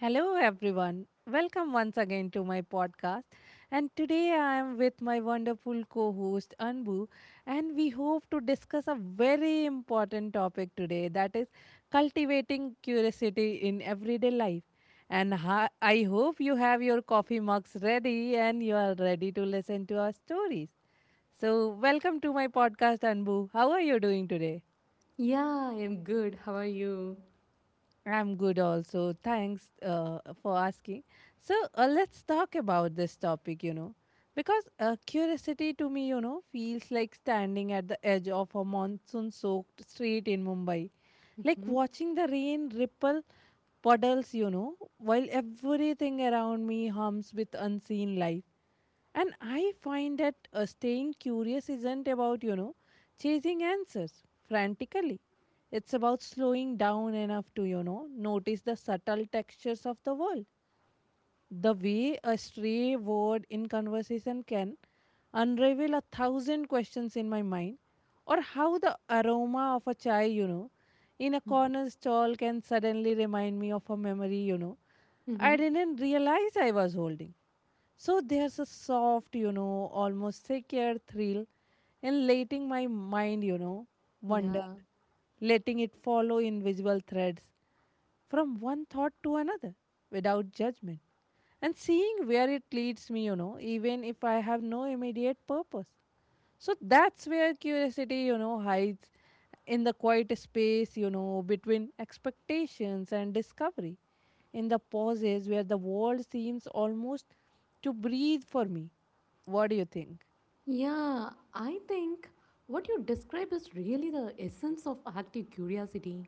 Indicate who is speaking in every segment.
Speaker 1: Hello, everyone. Welcome once again to my podcast. And today I am with my wonderful co host Anbu, and we hope to discuss a very important topic today, that is cultivating curiosity in everyday life. I hope you have your coffee mugs ready and you are ready to listen to our stories. So, welcome to my podcast, Anbu. How are you doing today?
Speaker 2: Yeah, I'm good. How are you?
Speaker 1: I'm good also. Thanks for asking. So, let's talk about this topic, because curiosity to me, feels like standing at the edge of a monsoon soaked street in Mumbai, like
Speaker 2: Mm-hmm.
Speaker 1: watching the rain ripple puddles, while everything around me hums with unseen life. And I find that staying curious isn't about chasing answers frantically. It's about slowing down enough to notice the subtle textures of the world. The way a stray word in conversation can unravel a thousand questions in my mind, or how the aroma of a chai, in a corner stall can suddenly remind me of a memory
Speaker 2: Mm-hmm.
Speaker 1: I didn't realize I was holding. So there's a soft, almost secure thrill in letting my mind, wander,
Speaker 2: Yeah.
Speaker 1: letting it follow invisible threads from one thought to another without judgment and seeing where it leads me, even if I have no immediate purpose. So that's where curiosity, hides in the quiet space, between expectations and discovery, in the pauses where the world seems almost to breathe for me. What do you think?
Speaker 2: Yeah, I think what you describe is really the essence of active curiosity.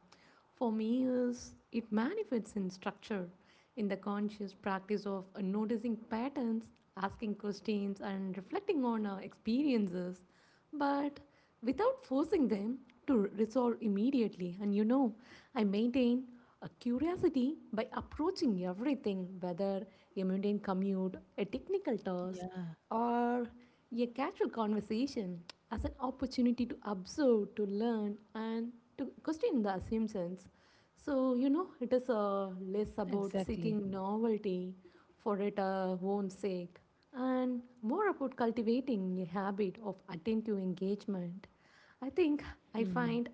Speaker 2: For me, is it manifests in structure, in the conscious practice of noticing patterns, asking questions, and reflecting on our experiences, but without forcing them to resolve immediately. And you know, I maintain a curiosity by approaching everything, whether a mundane commute, a technical
Speaker 1: Yeah,
Speaker 2: task, or a casual conversation as an opportunity to observe, to learn, and to question the assumptions. So, you know, it is less about
Speaker 1: exactly.
Speaker 2: seeking novelty for its own sake and more about cultivating a habit of attentive engagement. I think I
Speaker 1: Hmm.
Speaker 2: find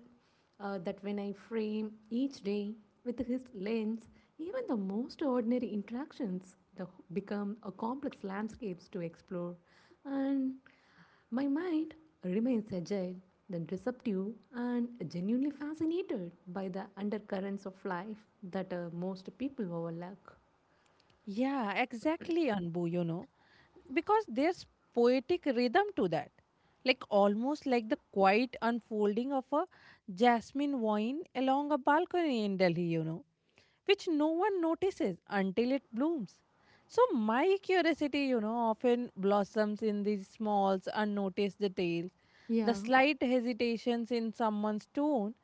Speaker 2: that when I frame each day with his lens, even the most ordinary interactions the, become a complex landscapes to explore, and my mind remains agile, then receptive, and genuinely fascinated by the undercurrents of life that most people overlook.
Speaker 1: Yeah, exactly, Anbu. Because there's poetic rhythm to that, like almost like the quiet unfolding of a jasmine vine along a balcony in Delhi which no one notices until it blooms. So, my curiosity, often blossoms in these small, unnoticed details, the
Speaker 2: Yeah.
Speaker 1: slight hesitations in someone's tone,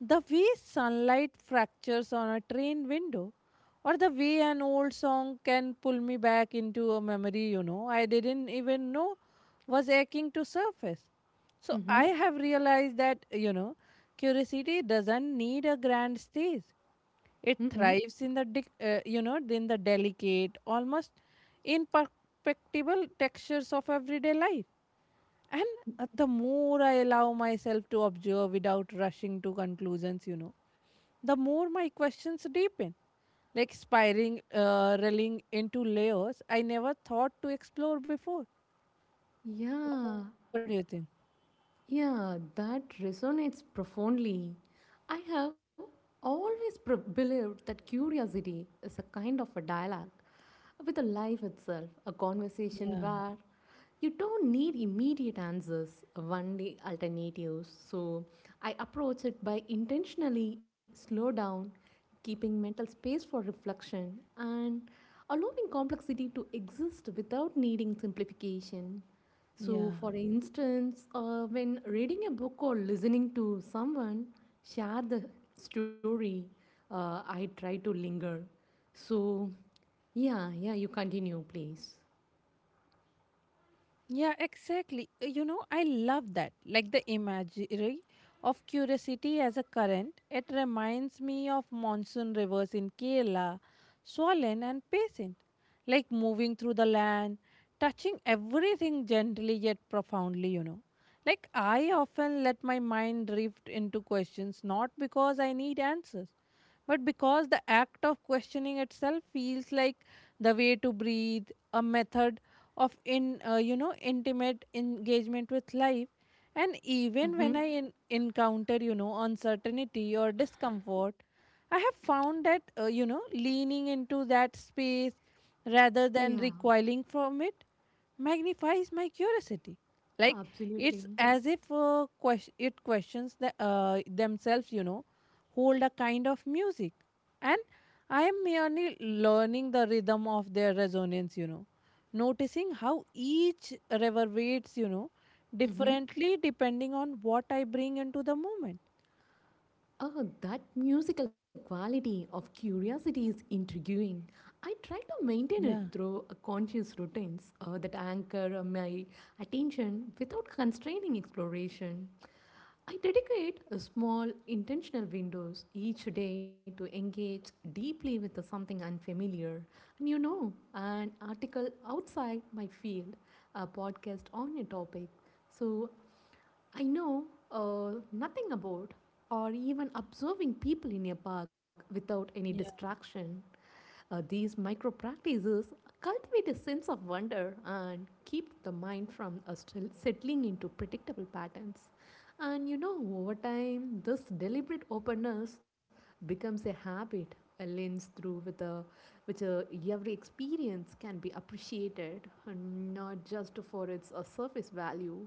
Speaker 1: the way sunlight fractures on a train window, or the way an old song can pull me back into a memory I didn't even know was aching to surface. So,
Speaker 2: Mm-hmm.
Speaker 1: I have realized that, curiosity doesn't need a grand stage. It
Speaker 2: Mm-hmm.
Speaker 1: thrives in the in the delicate, almost imperceptible textures of everyday life. And the more I allow myself to observe without rushing to conclusions, the more my questions deepen, like spiraling, reeling into layers I never thought to explore before. What do you
Speaker 2: Yeah.
Speaker 1: think?
Speaker 2: Yeah, that resonates profoundly. I have always believed that curiosity is a kind of a dialogue with the life itself, a conversation
Speaker 1: Yeah,
Speaker 2: where you don't need immediate answers, only alternatives. So I approach it by intentionally slow down, keeping mental space for reflection, and allowing complexity to exist without needing simplification. So,
Speaker 1: yeah.
Speaker 2: for instance, when reading a book or listening to someone share the story, I try to linger. So, yeah, yeah, you continue, please.
Speaker 1: Yeah, exactly. I love that. Like the imagery of curiosity as a current, it reminds me of monsoon rivers in Kerala, swollen and patient, like moving through the land, touching everything gently yet profoundly. Like I often let my mind drift into questions, not because I need answers, but because the act of questioning itself feels like the way to breathe, a method of in intimate engagement with life. And even when I encounter uncertainty or discomfort, I have found that leaning into that space rather
Speaker 2: Yeah,
Speaker 1: than recoiling from it magnifies my curiosity. Like
Speaker 2: absolutely.
Speaker 1: it's as if it questions, themselves, hold a kind of music. And I am merely learning the rhythm of their resonance, noticing how each reverberates,
Speaker 2: Mm-hmm.
Speaker 1: differently depending on what I bring into the moment.
Speaker 2: Oh, that musical quality of curiosity is intriguing. I try to maintain
Speaker 1: Yeah,
Speaker 2: it through a conscious routines that anchor my attention without constraining exploration. I dedicate a small intentional windows each day to engage deeply with something unfamiliar. And you know, an article outside my field, a podcast on a topic. So I know nothing about or even observing people in a park without any distraction. These micro practices cultivate a sense of wonder and keep the mind from still settling into predictable patterns. And you know, over time, this deliberate openness becomes a habit, a lens through which every experience can be appreciated, and not just for its surface value,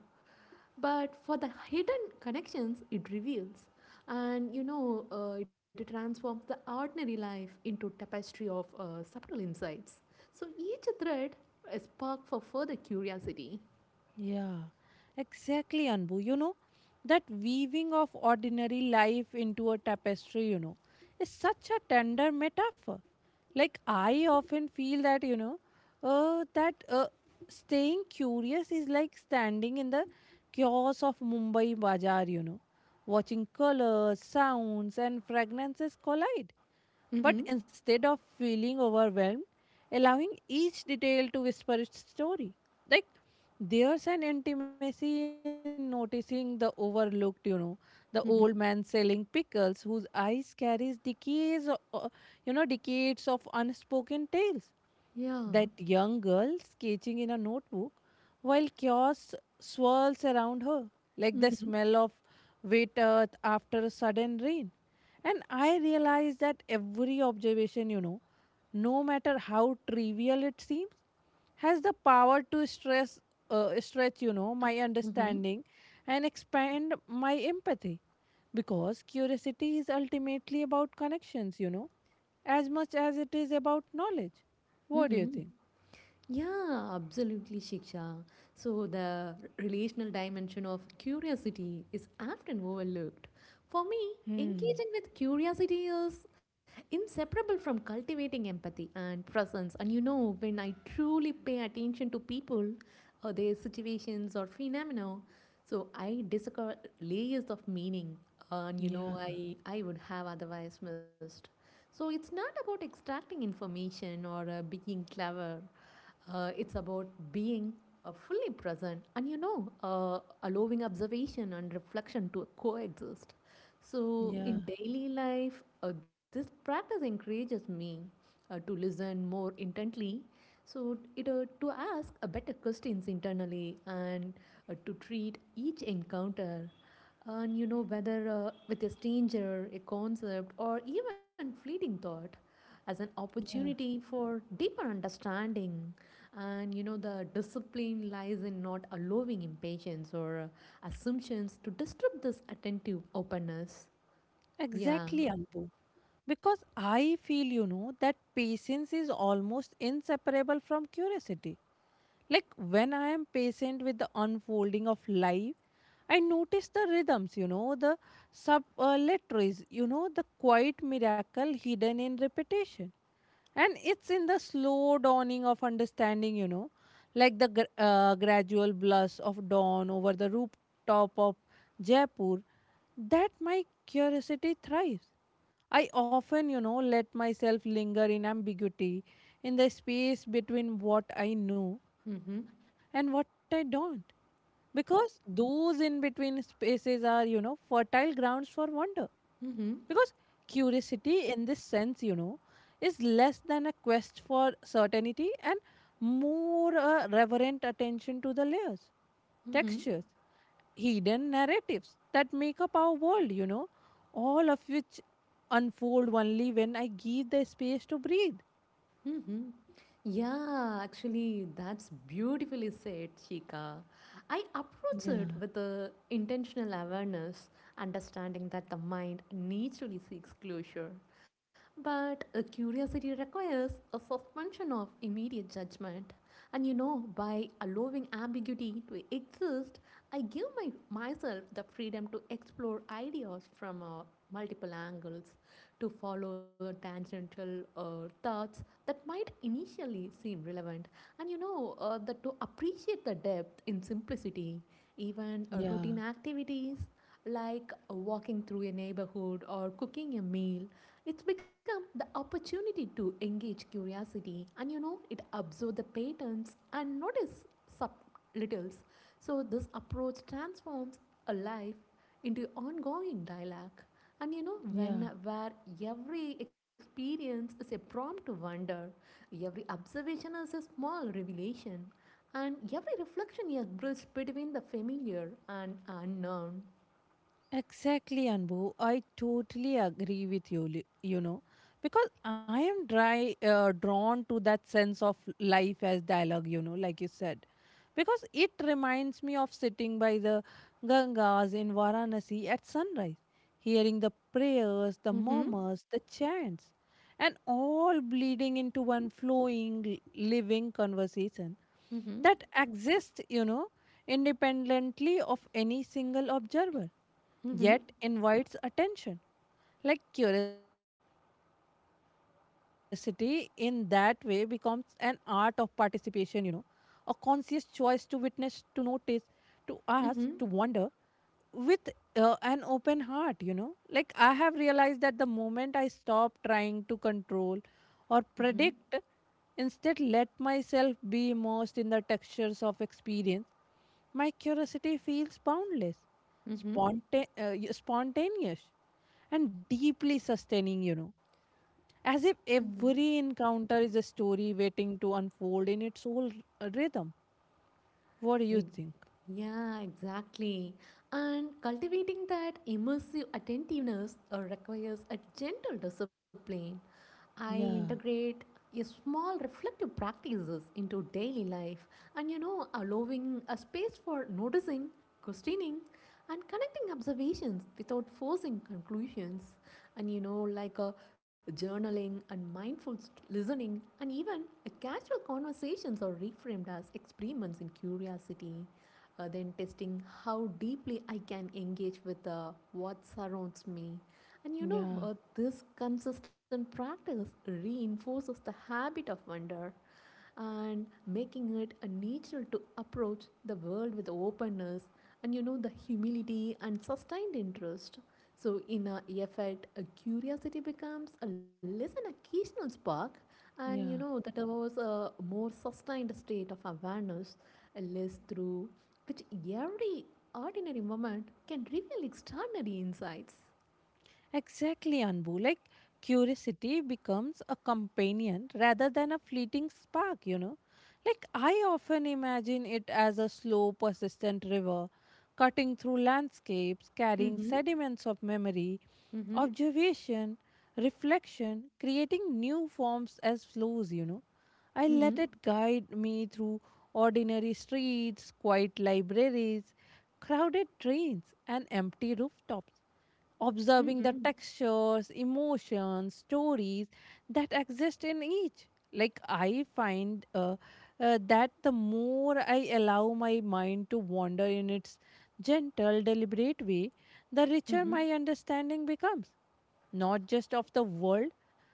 Speaker 2: but for the hidden connections it reveals and you know it transforms the ordinary life into tapestry of subtle insights so each thread a spark for further curiosity.
Speaker 1: yeah, exactly, Anbu. That weaving of ordinary life into a tapestry, is such a tender metaphor. Like, I often feel thatuh, that uh, staying curious is like standing in the chaos of Mumbai Bazaar, watching colors, sounds, and fragrances collide.
Speaker 2: Mm-hmm.
Speaker 1: But instead of feeling overwhelmed, allowing each detail to whisper its story. Like there's an intimacy in noticing the overlooked, the old man
Speaker 2: Mm-hmm.
Speaker 1: selling pickles whose eyes carries decades, decades of unspoken tales.
Speaker 2: Yeah.
Speaker 1: That young girl sketching in a notebook while chaos swirls around her, like the
Speaker 2: Mm-hmm.
Speaker 1: smell of wet earth after a sudden rain. And I realize that every observation, no matter how trivial it seems, has the power to stretch, my understanding and expand my empathy. Because curiosity is ultimately about connections, as much as it is about knowledge. What do you
Speaker 2: Mm-hmm.
Speaker 1: think?
Speaker 2: Yeah, absolutely, Shiksha. So, the relational dimension of curiosity is often overlooked. For me,
Speaker 1: Hmm.
Speaker 2: engaging with curiosity is inseparable from cultivating empathy and presence. And you know, when I truly pay attention to people or their situations or phenomena, so I discover layers of meaning, and you know,
Speaker 1: Yeah.
Speaker 2: I would have otherwise missed. So, it's not about extracting information or being clever, it's about being fully present and, you know, allowing observation and reflection to coexist. So,
Speaker 1: Yeah.
Speaker 2: in daily life, this practice encourages me to listen more intently. So, it, to ask better questions internally and to treat each encounter and you know whether with a stranger a concept or even fleeting thought as an
Speaker 1: Yeah.
Speaker 2: opportunity for deeper understanding. And you know, the discipline lies in not allowing impatience or assumptions to disturb this attentive openness.
Speaker 1: Exactly,
Speaker 2: Yeah.
Speaker 1: Ambu. Because I feel, that patience is almost inseparable from curiosity. Like when I am patient with the unfolding of life, I notice the rhythms, the subletaries, the quiet miracle hidden in repetition. And it's in the slow dawning of understanding, like the gradual blush of dawn over the rooftop of Jaipur, that my curiosity thrives. I often, let myself linger in ambiguity, in the space between what I know
Speaker 2: Mm hmm.
Speaker 1: and what I don't, because those in between spaces are, fertile grounds for wonder,
Speaker 2: Mm hmm.
Speaker 1: because curiosity in this sense, is less than a quest for certainty and more a reverent attention to the layers,
Speaker 2: Mm hmm.
Speaker 1: textures, hidden narratives that make up our world, all of which unfold only when I give the space to breathe.
Speaker 2: Mm-hmm. Yeah, actually, that's beautifully said, Chika. I approach it
Speaker 1: Yeah,
Speaker 2: with a intentional awareness, understanding that the mind naturally seeks closure. But a curiosity requires a suspension of immediate judgment. And you know, by allowing ambiguity to exist, I give myself the freedom to explore ideas from multiple angles, to follow tangential thoughts, that might initially seem relevant. And you know, that to appreciate the depth in simplicity, even
Speaker 1: yeah,
Speaker 2: routine activities like walking through a neighborhood or cooking a meal, it's become the opportunity to engage curiosity and you know, it observe the patterns and notice subtleties. So, this approach transforms a life into ongoing dialogue and you know, when
Speaker 1: yeah.
Speaker 2: where every experience is a prompt to wonder, every observation is a small revelation, and every reflection is a bridge between the familiar and unknown.
Speaker 1: Exactly, Anbu. I totally agree with you, because I am drawn to that sense of life as dialogue, like you said, because it reminds me of sitting by the Gangas in Varanasi at sunrise, hearing the prayers, the
Speaker 2: Mm-hmm.
Speaker 1: murmurs, the chants, and all bleeding into one flowing, living conversation
Speaker 2: Mm-hmm.
Speaker 1: that exists, independently of any single observer,
Speaker 2: Mm-hmm.
Speaker 1: yet invites attention. Like curiosity in that way becomes an art of participation, a conscious choice to witness, to notice, to ask, to wonder
Speaker 2: Mm-hmm.
Speaker 1: with an open heart. Like, I have realized that the moment I stop trying to control or
Speaker 2: Mm-hmm.
Speaker 1: predict, instead let myself be immersed in the textures of experience, my curiosity feels boundless,
Speaker 2: Mm-hmm.
Speaker 1: spontaneous, and deeply sustaining. As if every encounter is a story waiting to unfold in its whole rhythm. What do you think?
Speaker 2: Yeah, exactly. And cultivating that immersive attentiveness requires a gentle discipline. I
Speaker 1: Yeah,
Speaker 2: integrate a small reflective practices into daily life and you know allowing a space for noticing, questioning and connecting observations without forcing conclusions and you know like a journaling and mindful listening and even a casual conversations are reframed as experiments in curiosity, then testing how deeply I can engage with what surrounds me. And you know,
Speaker 1: yeah,
Speaker 2: this consistent practice reinforces the habit of wonder and making it a nature to approach the world with openness and you know the humility and sustained interest so, in a effect, a curiosity becomes a less an occasional spark, and you know
Speaker 1: yeah.
Speaker 2: that was a more sustained state of awareness, a less through which every ordinary moment can reveal extraordinary insights.
Speaker 1: Exactly, Anbu. Like curiosity becomes a companion rather than a fleeting spark, Like I often imagine it as a slow, persistent river cutting through landscapes, carrying
Speaker 2: Mm-hmm.
Speaker 1: sediments of memory,
Speaker 2: Mm-hmm.
Speaker 1: observation, reflection, creating new forms as flows, I
Speaker 2: Mm-hmm.
Speaker 1: let it guide me through ordinary streets, quiet libraries, crowded trains, and empty rooftops, observing
Speaker 2: Mm-hmm.
Speaker 1: the textures, emotions, stories that exist in each. Like, I find that the more I allow my mind to wander in its gentle, deliberate way, the
Speaker 2: Mm-hmm.
Speaker 1: richer my understanding becomes, not just of the world,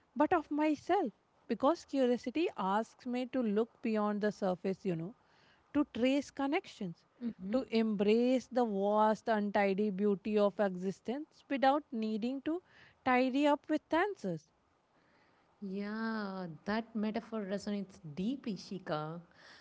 Speaker 1: but of myself. Because curiosity asks me to look beyond the surface, to trace connections,
Speaker 2: Mm-hmm.
Speaker 1: to embrace the vast, untidy beauty of existence without needing to tidy up with answers.
Speaker 2: Yeah, that metaphor resonates deeply, Shika.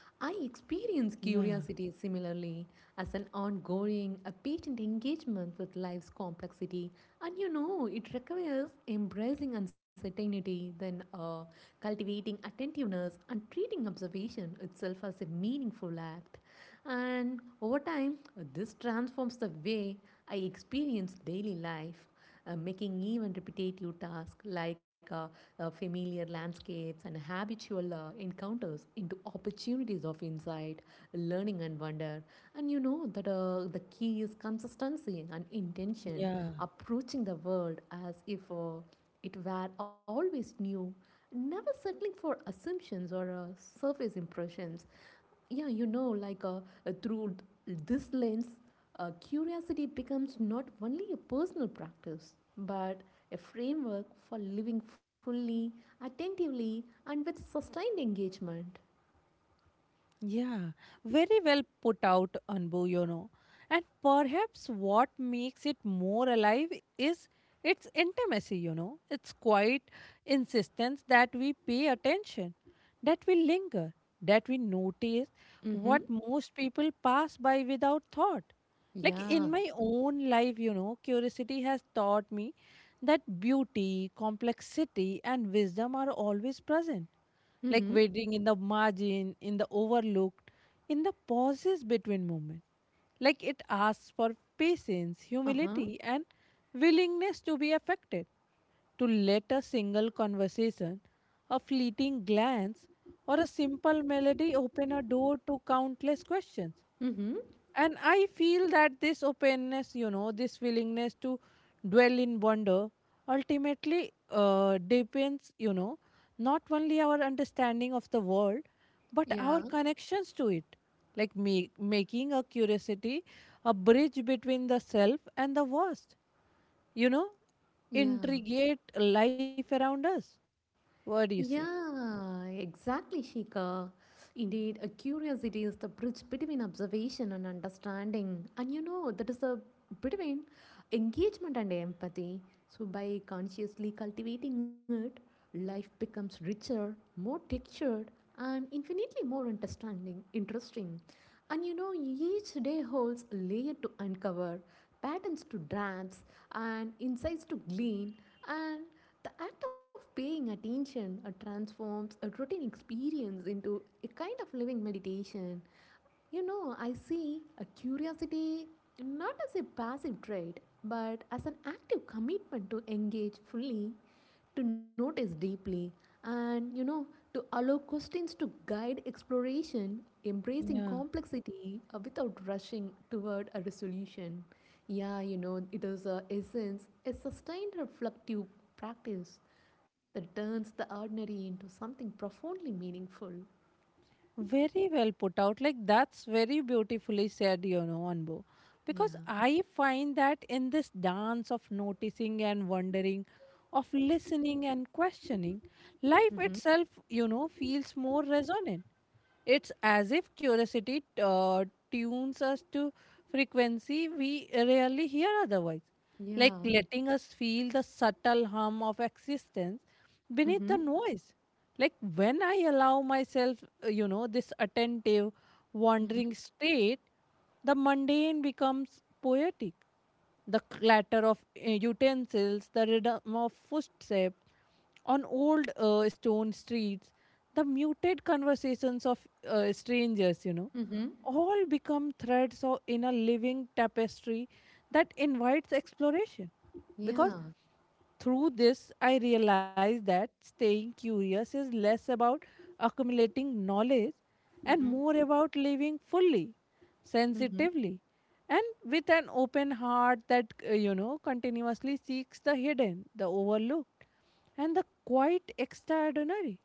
Speaker 2: I experience
Speaker 1: Yeah,
Speaker 2: curiosity similarly as an ongoing, a patient engagement with life's complexity. And you know, it requires embracing uncertainty, then cultivating attentiveness, and treating observation itself as a meaningful act. And over time, this transforms the way I experience daily life, making even repetitive tasks like familiar landscapes and habitual encounters into opportunities of insight, learning, and wonder. And you know that the key is consistency and intention,
Speaker 1: yeah.
Speaker 2: approaching the world as if it were always new, never settling for assumptions or surface impressions, yeah you know like through this lens, curiosity becomes not only a personal practice but a framework for living fully attentively and with sustained engagement.
Speaker 1: Yeah, very well put out, Anbu, And perhaps what makes it more alive is its intimacy, It's quite insistence that we pay attention, that we linger, that we notice what
Speaker 2: Mm-hmm.
Speaker 1: most people pass by without thought. Like
Speaker 2: Yeah.
Speaker 1: in my own life, curiosity has taught me that beauty, complexity, and wisdom are always present,
Speaker 2: Mm-hmm.
Speaker 1: like waiting in the margin, in the overlooked, in the pauses between moments. Like it asks for patience,
Speaker 2: Uh-huh.
Speaker 1: humility, and willingness to be affected. To let a single conversation, a fleeting glance, or a simple melody open a door to countless questions.
Speaker 2: Mm-hmm.
Speaker 1: And I feel that this openness, this willingness to dwell in wonder ultimately depends, not only our understanding of the world, but our
Speaker 2: Yeah.
Speaker 1: connections to it. Like making a curiosity a bridge between the self and the vast, you know,
Speaker 2: Yeah.
Speaker 1: intrigate life around us. What do you say?
Speaker 2: Yeah, exactly, Shika. Indeed, a curiosity is the bridge between observation and understanding, and you know that is the between engagement and empathy. So, by consciously cultivating it, life becomes richer, more textured, and infinitely more understanding, interesting. And you know, each day holds a layer to uncover, patterns to grasp, and insights to glean, and the act of paying attention transforms a routine experience into a kind of living meditation. You know, I see a curiosity not as a passive trait, but as an active commitment to engage fully to notice deeply, and you know, to allow questions to guide exploration, embracing complexity without rushing toward a resolution. Yeah, you know, it is a essence, a sustained reflective practice that turns the ordinary into something profoundly meaningful.
Speaker 1: Very well put out. Like that's very beautifully said, Anbu.
Speaker 2: Yeah.
Speaker 1: Because I find that in this dance of noticing and wondering, of listening and questioning,
Speaker 2: Mm-hmm.
Speaker 1: life itself, feels more resonant. It's as if curiosity tunes us to frequency we rarely hear otherwise, like
Speaker 2: Yeah.
Speaker 1: letting us feel the subtle hum of existence
Speaker 2: Mm-hmm.
Speaker 1: beneath the noise. Like when I allow myself, this attentive,
Speaker 2: Mm-hmm.
Speaker 1: wandering state, the mundane becomes poetic. The clatter of utensils, the rhythm of footsteps on old stone streets, the muted conversations of strangers,
Speaker 2: Mm-hmm.
Speaker 1: all become threads or in a living tapestry that invites exploration. Because
Speaker 2: Yeah.
Speaker 1: through this, I realized that staying curious is less about accumulating knowledge and
Speaker 2: Mm-hmm.
Speaker 1: more about living fully,
Speaker 2: Mm-hmm.
Speaker 1: sensitively, and with an open heart that, continuously seeks the hidden, the overlooked, and the quite extraordinary.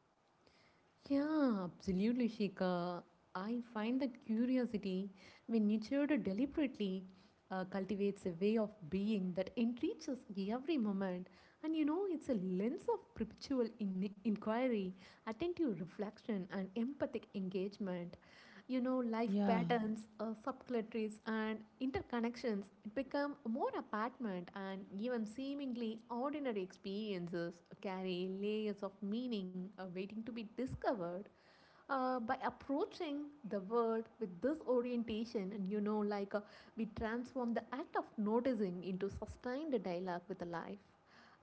Speaker 2: Yeah, absolutely, Shika. I find that curiosity, when nurtured deliberately, cultivates a way of being that enriches every moment. And you know, it's a lens of perpetual inquiry, attentive reflection, and empathic engagement you know life
Speaker 1: Yeah,
Speaker 2: patterns, subcultures and interconnections become more apparent and even seemingly ordinary experiences carry layers of meaning waiting to be discovered, by approaching the world with this orientation and you know like we transform the act of noticing into sustained dialogue with the life,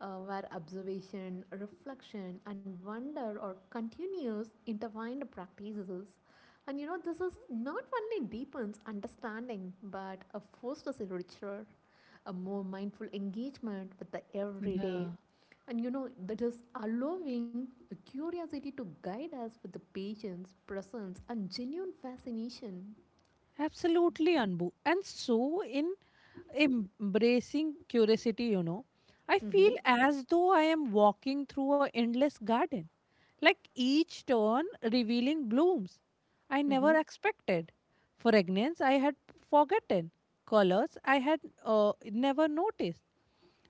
Speaker 2: where observation reflection and wonder are continuous intertwined practices and you know this is not only deepens understanding but fosters a richer a more mindful engagement with the everyday
Speaker 1: yeah.
Speaker 2: and you know, that is allowing a curiosity to guide us with the patience, presence, and genuine fascination.
Speaker 1: Absolutely, Anbu. And so, in embracing curiosity, I feel
Speaker 2: Mm-hmm.
Speaker 1: as though I am walking through a endless garden, like each turn revealing blooms I
Speaker 2: Mm-hmm.
Speaker 1: never expected, fragrance I had forgotten, colors I had never noticed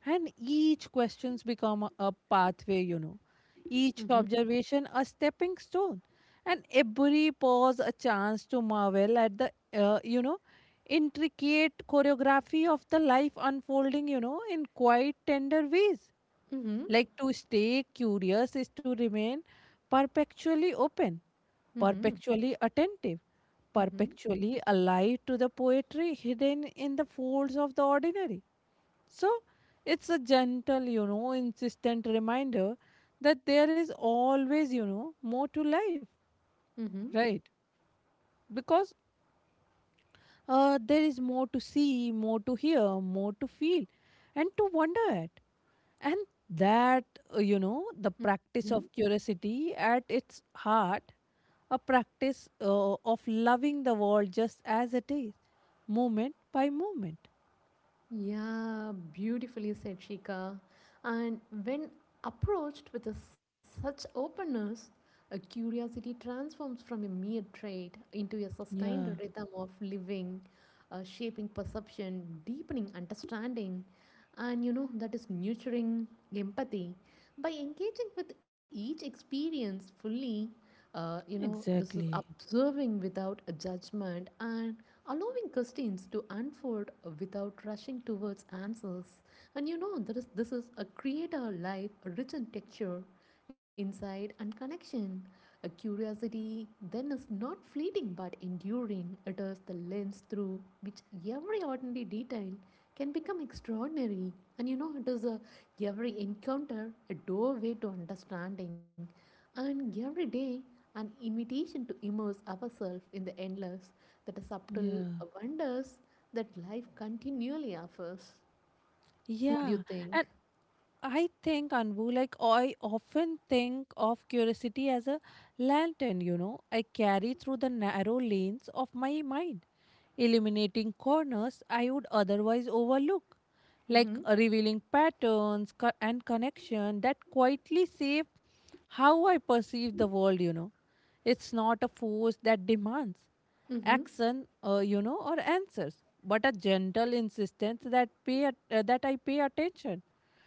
Speaker 1: and each questions become a pathway. You know. Each
Speaker 2: Mm-hmm.
Speaker 1: observation a stepping stone. And every pause a chance to marvel at the, intricate choreography of the life unfolding, in quite tender ways.
Speaker 2: Mm-hmm.
Speaker 1: Like to stay curious is to remain perpetually open,
Speaker 2: Mm-hmm.
Speaker 1: perpetually attentive,
Speaker 2: Mm-hmm.
Speaker 1: perpetually alive to the poetry hidden in the folds of the ordinary. So it's a gentle, insistent reminder that there is always, more to life,
Speaker 2: Mm-hmm.
Speaker 1: right? Because there is more to see, more to hear, more to feel, and to wonder at. And that, the
Speaker 2: Mm-hmm.
Speaker 1: practice of curiosity at its heart, a practice of loving the world just as it is, moment by moment.
Speaker 2: Yeah, beautifully said Shika. And when approached with such openness, a curiosity transforms from a mere trait into a sustained
Speaker 1: Yeah,
Speaker 2: rhythm of living, shaping perception, deepening understanding, and you know that is nurturing empathy by engaging with each experience fully, you know this is
Speaker 1: exactly.
Speaker 2: observing without a judgment and allowing questions to unfold without rushing towards answers and you know there is this is a create a life rich in texture Insight and connection. A curiosity then is not fleeting but enduring. It is the lens through which every ordinary detail can become extraordinary. And you know, it is a every encounter a doorway to understanding, and every day an invitation to immerse ourselves in the endless, that is subtle
Speaker 1: Yeah.
Speaker 2: wonders that life continually offers. What do you
Speaker 1: Yeah.
Speaker 2: think?
Speaker 1: And I think, Anbu, like I often think of curiosity as a lantern, I carry through the narrow lanes of my mind, illuminating corners I would otherwise overlook, like
Speaker 2: Mm-hmm.
Speaker 1: revealing patterns and connection that quietly shape how I perceive the world. You know. It's not a force that demands
Speaker 2: Mm-hmm.
Speaker 1: action, or answers, but a gentle insistence that I pay attention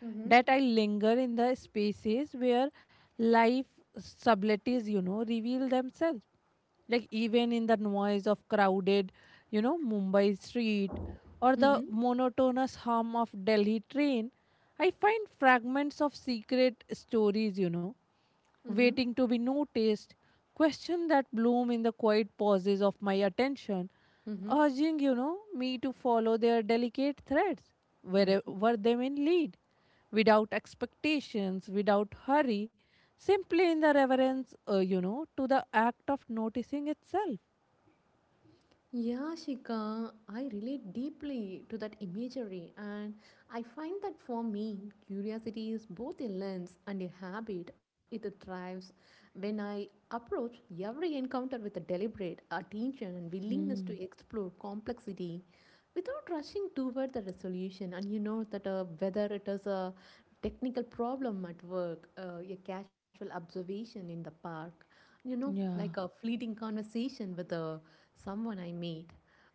Speaker 2: Mm-hmm.
Speaker 1: that I linger in the spaces where life subtleties, reveal themselves. Like even in the noise of crowded, Mumbai street or the
Speaker 2: Mm-hmm.
Speaker 1: monotonous hum of Delhi train, I find fragments of secret stories, you know,
Speaker 2: Mm-hmm.
Speaker 1: waiting to be noticed, questions that bloom in the quiet pauses of my attention,
Speaker 2: Mm-hmm.
Speaker 1: urging, me to follow their delicate threads,
Speaker 2: Mm-hmm.
Speaker 1: wherever they may lead without expectations, without hurry, simply in the reverence, to the act of noticing itself.
Speaker 2: Yeah, Shika, I relate deeply to that imagery, and I find that for me, curiosity is both a lens and a habit it thrives when I approach every encounter with a deliberate attention and willingness
Speaker 1: Hmm.
Speaker 2: to explore complexity without rushing toward the resolution. And you know that whether it is a technical problem at work, a casual observation in the park, like
Speaker 1: Yeah.
Speaker 2: a fleeting conversation with someone I meet.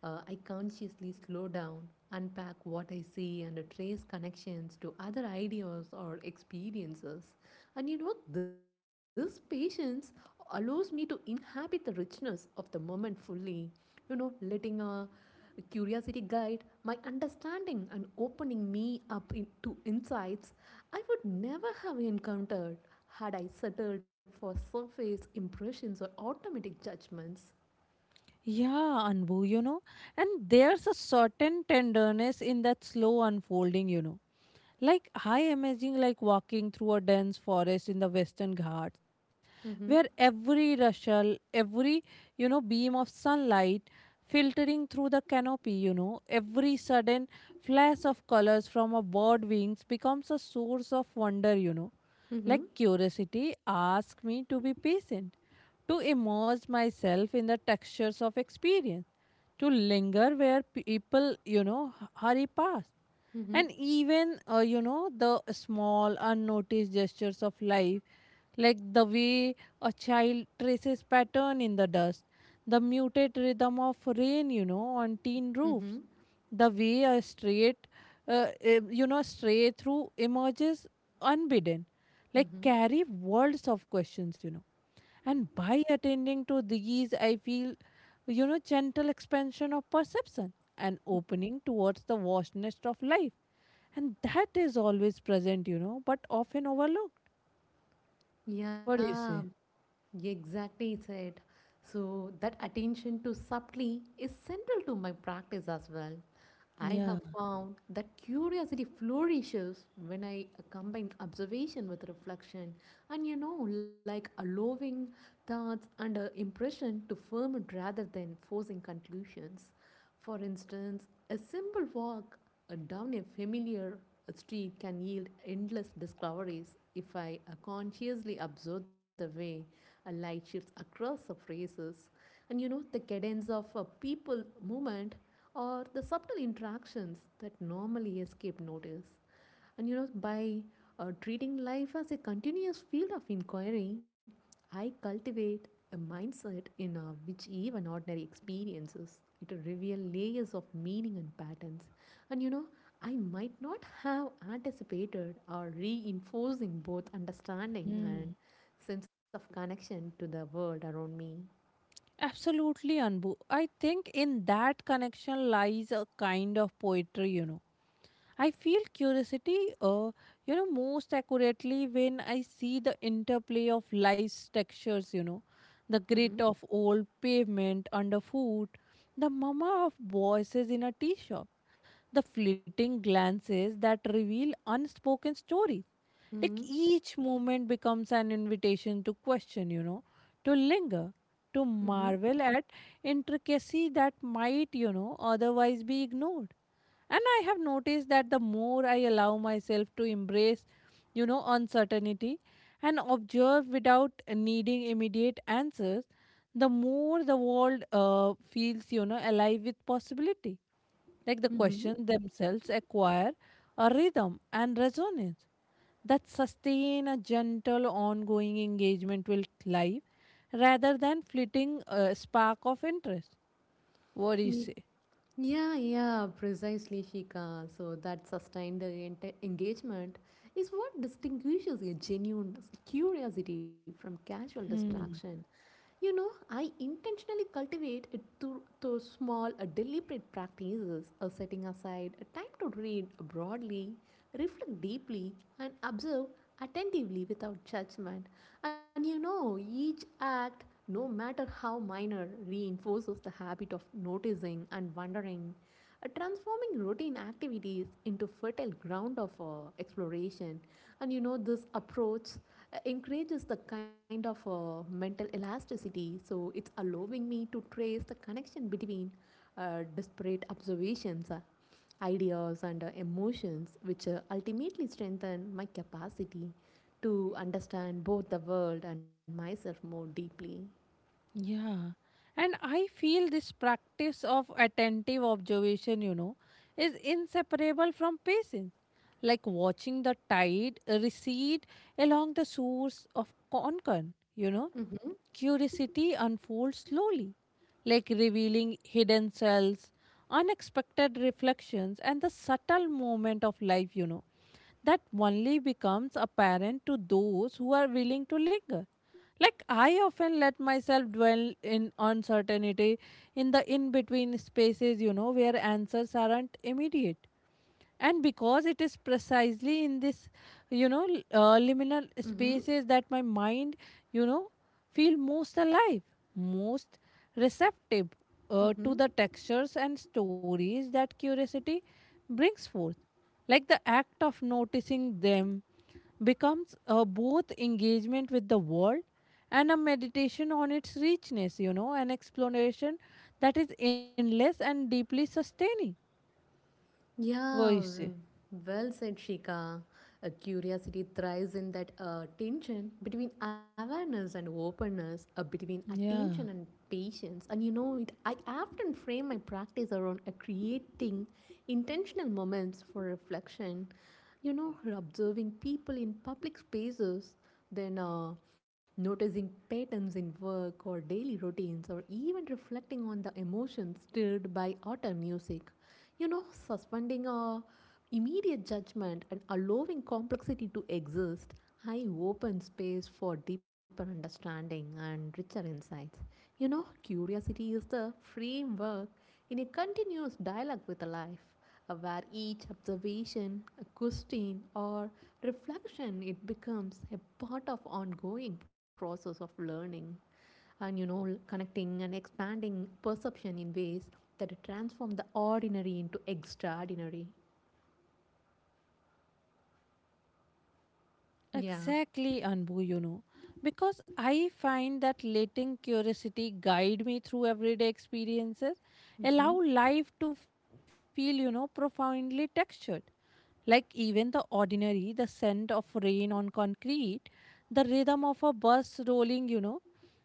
Speaker 2: I consciously slow down, unpack what I see, and trace connections to other ideas or experiences. And this patience allows me to inhabit the richness of the moment fully, letting curiosity guide my understanding and opening me up to insights I would never have encountered had I settled for surface impressions or automatic judgments.
Speaker 1: Yeah, Anbu, you know, and there's a certain tenderness in that slow unfolding. You know. Like I imagine like walking through a dense forest in the Western Ghats
Speaker 2: Mm-hmm.
Speaker 1: where every rustle, every beam of sunlight filtering through the canopy, every sudden flash of colors from a bird wings becomes a source of wonder. You know.
Speaker 2: Mm-hmm.
Speaker 1: Like curiosity asks me to be patient, to immerse myself in the textures of experience, to linger where people, hurry past
Speaker 2: Mm-hmm.
Speaker 1: and even the small unnoticed gestures of life like the way a child traces pattern in the dust the muted rhythm of rain on tin
Speaker 2: Mm-hmm.
Speaker 1: roofs the way a straight stray through emerges unbidden like
Speaker 2: Mm-hmm.
Speaker 1: carry worlds of questions you know and by attending to these, I feel, gentle expansion of perception and opening towards the vastness of life. And that is always present, but often overlooked. What do you
Speaker 2: Yeah,
Speaker 1: say?
Speaker 2: exactly said. So that attention to subtlety is central to my practice as well. I
Speaker 1: Yeah.
Speaker 2: have found that curiosity flourishes when I combine observation with reflection, and like allowing thoughts and impression to ferment rather than forcing conclusions. For instance, a simple walk down a familiar street can yield endless discoveries if I consciously observe the way a light shifts across the faces, and the cadence of a people movement or the subtle interactions that normally escape notice. And by treating life as a continuous field of inquiry, I cultivate a mindset in which even ordinary experiences it reveal layers of meaning and patterns. And I might not have anticipated or reinforcing both understanding and
Speaker 1: Mm.
Speaker 2: sense of connection to the world around me.
Speaker 1: Absolutely, Anbu. I think in that connection lies a kind of poetry. You know I feel curiosity, most accurately when I see the interplay of life's textures, the
Speaker 2: Mm-hmm.
Speaker 1: grit of old pavement underfoot, the murmur of voices in a tea shop, the fleeting glances that reveal unspoken stories. Like
Speaker 2: Mm-hmm.
Speaker 1: each moment becomes an invitation to question, you know, to linger, to
Speaker 2: Mm-hmm.
Speaker 1: marvel at intricacy that might, otherwise be ignored and I have noticed that the more I allow myself to embrace, uncertainty and observe without needing immediate answers, the more the world feels, alive with possibility. Like the
Speaker 2: Mm-hmm.
Speaker 1: questions themselves acquire a rhythm and resonance that sustain a gentle, ongoing engagement with life rather than fleeting spark of interest. What do you say?
Speaker 2: Yeah, yeah, precisely, Shika. So that sustained engagement is what distinguishes a genuine curiosity from casual distraction.
Speaker 1: Hmm.
Speaker 2: I intentionally cultivate it through small, deliberate practices, setting aside a time to read broadly, reflect deeply, and observe attentively without judgment. And each act, no matter how minor, reinforces the habit of noticing and wondering, transforming routine activities into fertile ground of exploration. And this approach encourages the kind of mental elasticity. So it's allowing me to trace the connection between disparate observations, ideas, and emotions, which ultimately strengthen my capacity to understand both the world and myself more deeply.
Speaker 1: Yeah. And I feel this practice of attentive observation you know, is inseparable from patience like watching the tide recede along the shores of Konkan. You know.
Speaker 2: Mm-hmm.
Speaker 1: Curiosity unfolds slowly, like revealing hidden cells, unexpected reflections, and the subtle moment of life, you know, that only becomes apparent to those who are willing to linger. Like I often let myself dwell in uncertainty in the in between spaces, you know, where answers aren't immediate and because it is precisely in this liminal
Speaker 2: Mm-hmm.
Speaker 1: spaces that my mind you know feel most alive most receptive
Speaker 2: Mm-hmm.
Speaker 1: to the textures and stories that curiosity brings forth like the act of noticing them becomes both engagement with the world and a meditation on its richness you know an exploration that is endless and deeply sustaining. What you
Speaker 2: Yeah,
Speaker 1: say?
Speaker 2: well said, Shika. A curiosity thrives in that tension between awareness and openness, between attention
Speaker 1: Yeah.
Speaker 2: and patience. And I often frame my practice around creating intentional moments for reflection. Observing people in public spaces, then noticing patterns in work or daily routines, or even reflecting on the emotions stirred by autumn music. Suspending immediate judgment and allowing complexity to exist, I open space for deeper understanding and richer insights. Curiosity is the framework in a continuous dialogue with life, where each observation, a question, or reflection, it becomes a part of ongoing process of learning and connecting and expanding perception in ways that transform the ordinary into extraordinary. Yeah.
Speaker 1: Exactly, Anbu, you know, because I find that letting curiosity guide me through everyday experiences
Speaker 2: Mm-hmm.
Speaker 1: allow life to feel, profoundly textured. Like even the ordinary, the scent of rain on concrete, the rhythm of a bus rolling,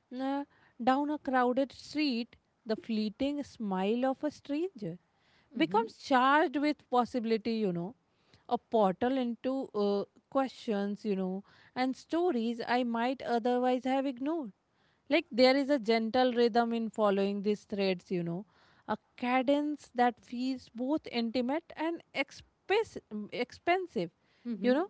Speaker 1: uh, down a crowded street, the fleeting smile of a stranger
Speaker 2: Mm-hmm.
Speaker 1: becomes charged with possibility, you know, a portal into questions, you know, and stories I might otherwise have ignored. Like there is a gentle rhythm in following these threads, you know, a cadence that feels both intimate and expensive, you
Speaker 2: Mm-hmm.
Speaker 1: know,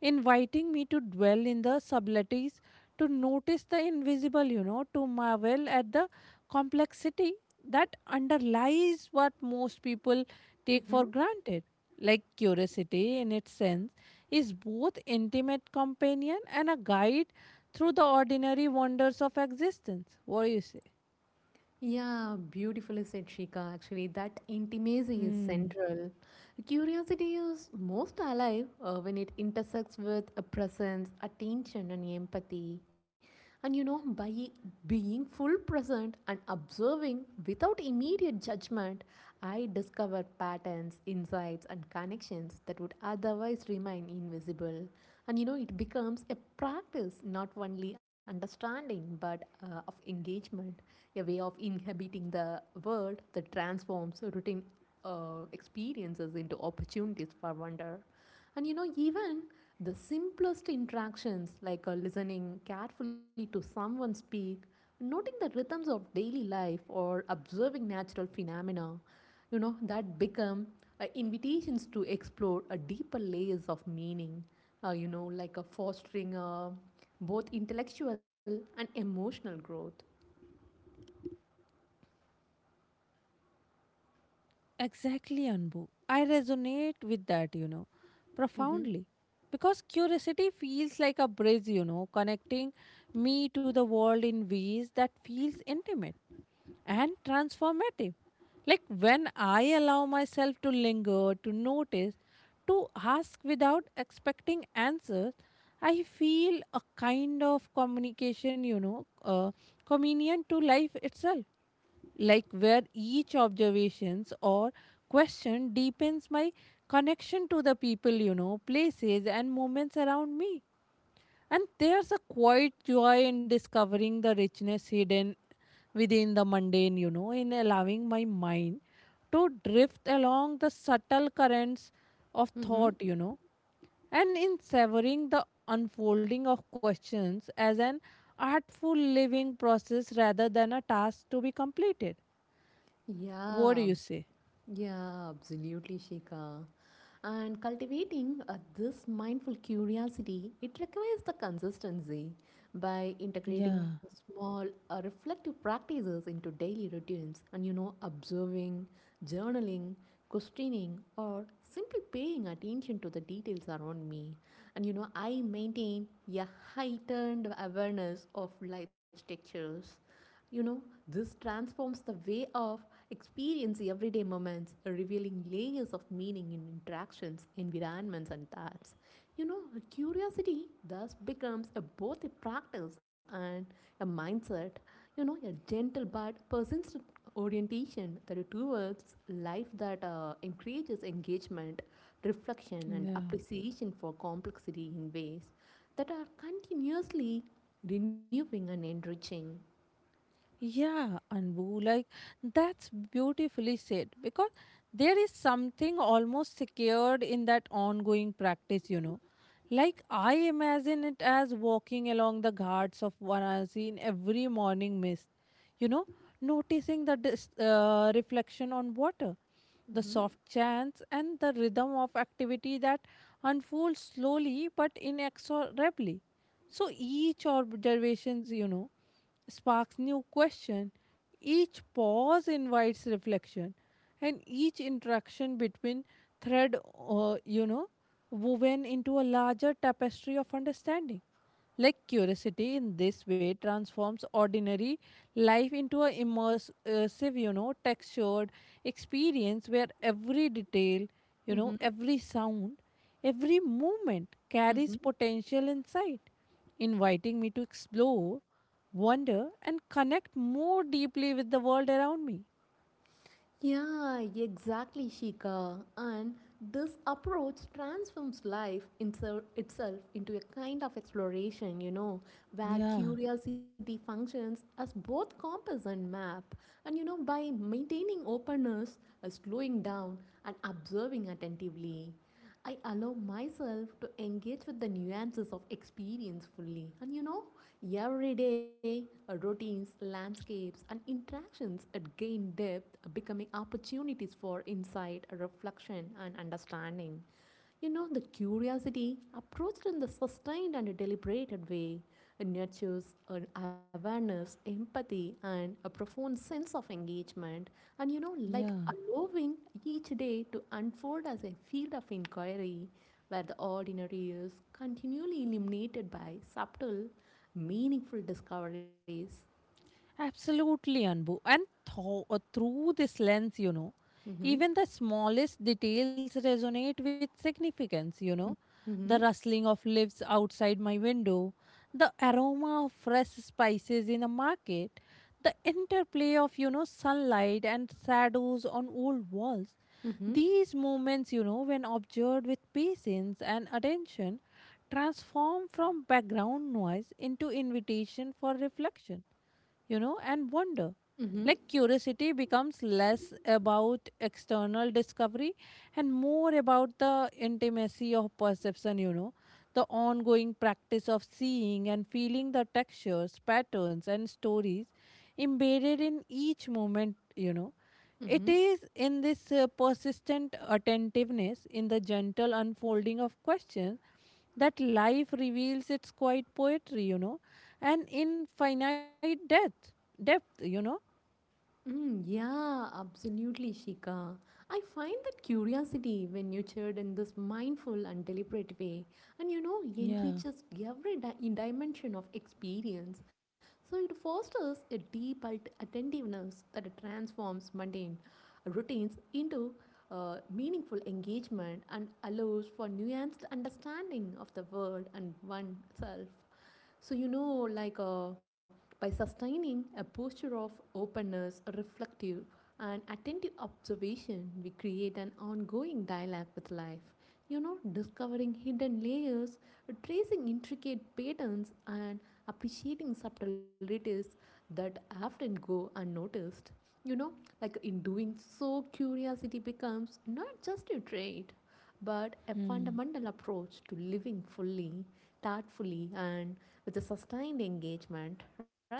Speaker 1: inviting me to dwell in the subtleties, to notice the invisible, you know, to marvel at the complexity that underlies what most people take
Speaker 2: Mm-hmm.
Speaker 1: for granted. Like curiosity, in its sense, is both intimate companion and a guide through the ordinary wonders of existence. What do you say?
Speaker 2: Yeah, beautifully said, Shika. Actually, that intimacy is
Speaker 1: Hmm.
Speaker 2: central. Curiosity is most alive when it intersects with a presence, attention, and empathy. And by being full present and observing without immediate judgment, I discover patterns, insights, and connections that would otherwise remain invisible. And it becomes a practice, not only understanding, but of engagement, a way of inhabiting the world that transforms routine experiences into opportunities for wonder. And even the simplest interactions, like listening carefully to someone speak, noting the rhythms of daily life, or observing natural phenomena, that become invitations to explore a deeper layers of meaning, like a fostering both intellectual and emotional growth.
Speaker 1: Exactly, Anbu. I resonate with that, you know,
Speaker 2: Mm-hmm.
Speaker 1: profoundly. Because curiosity feels like a bridge, you know, connecting me to the world in ways that feels intimate and transformative. Like when I allow myself to linger, to notice, to ask without expecting answers, I feel a kind of communion to life itself. Like where each observations or question deepens my connection to the people, places and moments around me. And there's a quiet joy in discovering the richness hidden within the mundane, you know, in allowing my mind to drift along the subtle currents of
Speaker 2: Mm-hmm.
Speaker 1: thought, you know, and in savoring the unfolding of questions as an artful living process rather than a task to be completed. What do
Speaker 2: Yeah,
Speaker 1: you say?
Speaker 2: yeah, absolutely, Shika. And cultivating this mindful curiosity, it requires the consistency by integrating
Speaker 1: Yeah,
Speaker 2: small reflective practices into daily routines and, observing, journaling, questioning, or simply paying attention to the details around me. And I maintain a heightened awareness of life's textures. You know, this transforms the way of experiencing everyday moments, revealing layers of meaning in interactions, environments, and thoughts. You know, curiosity thus becomes a, both a practice and a mindset. A gentle but persistent orientation, that are two words, life that encourages engagement, reflection, and
Speaker 1: yeah.
Speaker 2: appreciation for complexity in ways that are continuously renewing and enriching.
Speaker 1: Yeah, Anbu, like that's beautifully said because there is something almost secured in that ongoing practice. You know. Like I imagine it as walking along the ghats of Varanasi in every morning mist, you know, noticing the reflection on water, the
Speaker 2: Mm-hmm.
Speaker 1: soft chants, and the rhythm of activity that unfolds slowly but inexorably. So each observations you know sparks new question. Each pause invites reflection, and each interaction between thread, woven into a larger tapestry of understanding. Like curiosity in this way transforms ordinary life into an immersive, textured experience where every detail, you know,
Speaker 2: Mm-hmm.
Speaker 1: every sound, every movement carries
Speaker 2: Mm-hmm.
Speaker 1: potential inside, inviting me to explore, wonder, and connect more deeply with the world around me.
Speaker 2: Yeah, exactly, Shika. And this approach transforms life itself into a kind of exploration, where
Speaker 1: Yeah,
Speaker 2: curiosity functions as both compass and map. And, by maintaining openness, slowing down, and observing attentively, I allow myself to engage with the nuances of experience fully. And every day, routines, landscapes, and interactions gain depth, becoming opportunities for insight, reflection, and understanding. The curiosity, approached in the sustained and deliberated way, it nurtures an awareness, empathy, and a profound sense of engagement. And you know, like
Speaker 1: yeah.
Speaker 2: allowing each day to unfold as a field of inquiry where the ordinary is continually illuminated by subtle, meaningful discoveries.
Speaker 1: Absolutely, Anbu. And through this lens, you know,
Speaker 2: Mm-hmm.
Speaker 1: even the smallest details resonate with significance. You know. The
Speaker 2: Mm-hmm.
Speaker 1: rustling of leaves outside my window, the aroma of fresh spices in a market, the interplay of, sunlight and shadows on old walls.
Speaker 2: Mm-hmm.
Speaker 1: These moments, you know, when observed with patience and attention, transform from background noise into invitation for reflection you know, and wonder.
Speaker 2: Mm-hmm.
Speaker 1: Like curiosity becomes less about external discovery and more about the intimacy of perception, you know, the ongoing practice of seeing and feeling the textures, patterns, and stories embedded in each moment. You know. It
Speaker 2: Mm-hmm.
Speaker 1: is in this persistent attentiveness, in the gentle unfolding of questions, that life reveals its quiet poetry, you know, and in finite death depth. You know.
Speaker 2: Mm, yeah, absolutely, Shika. I find that curiosity, when nurtured in this mindful and deliberate way, and
Speaker 1: Yeah.
Speaker 2: enriches every dimension of experience. So it fosters a deep attentiveness that transforms mundane routines into meaningful engagement and allows for nuanced understanding of the world and oneself. So, by sustaining a posture of openness, reflective, and attentive observation, we create an ongoing dialogue with life. Discovering hidden layers, tracing intricate patterns, and appreciating subtleties that often go unnoticed. You know, in doing so, curiosity becomes not just a trait, but a
Speaker 1: Hmm.
Speaker 2: fundamental approach to living fully. Thoughtfully and with a sustained engagement, right?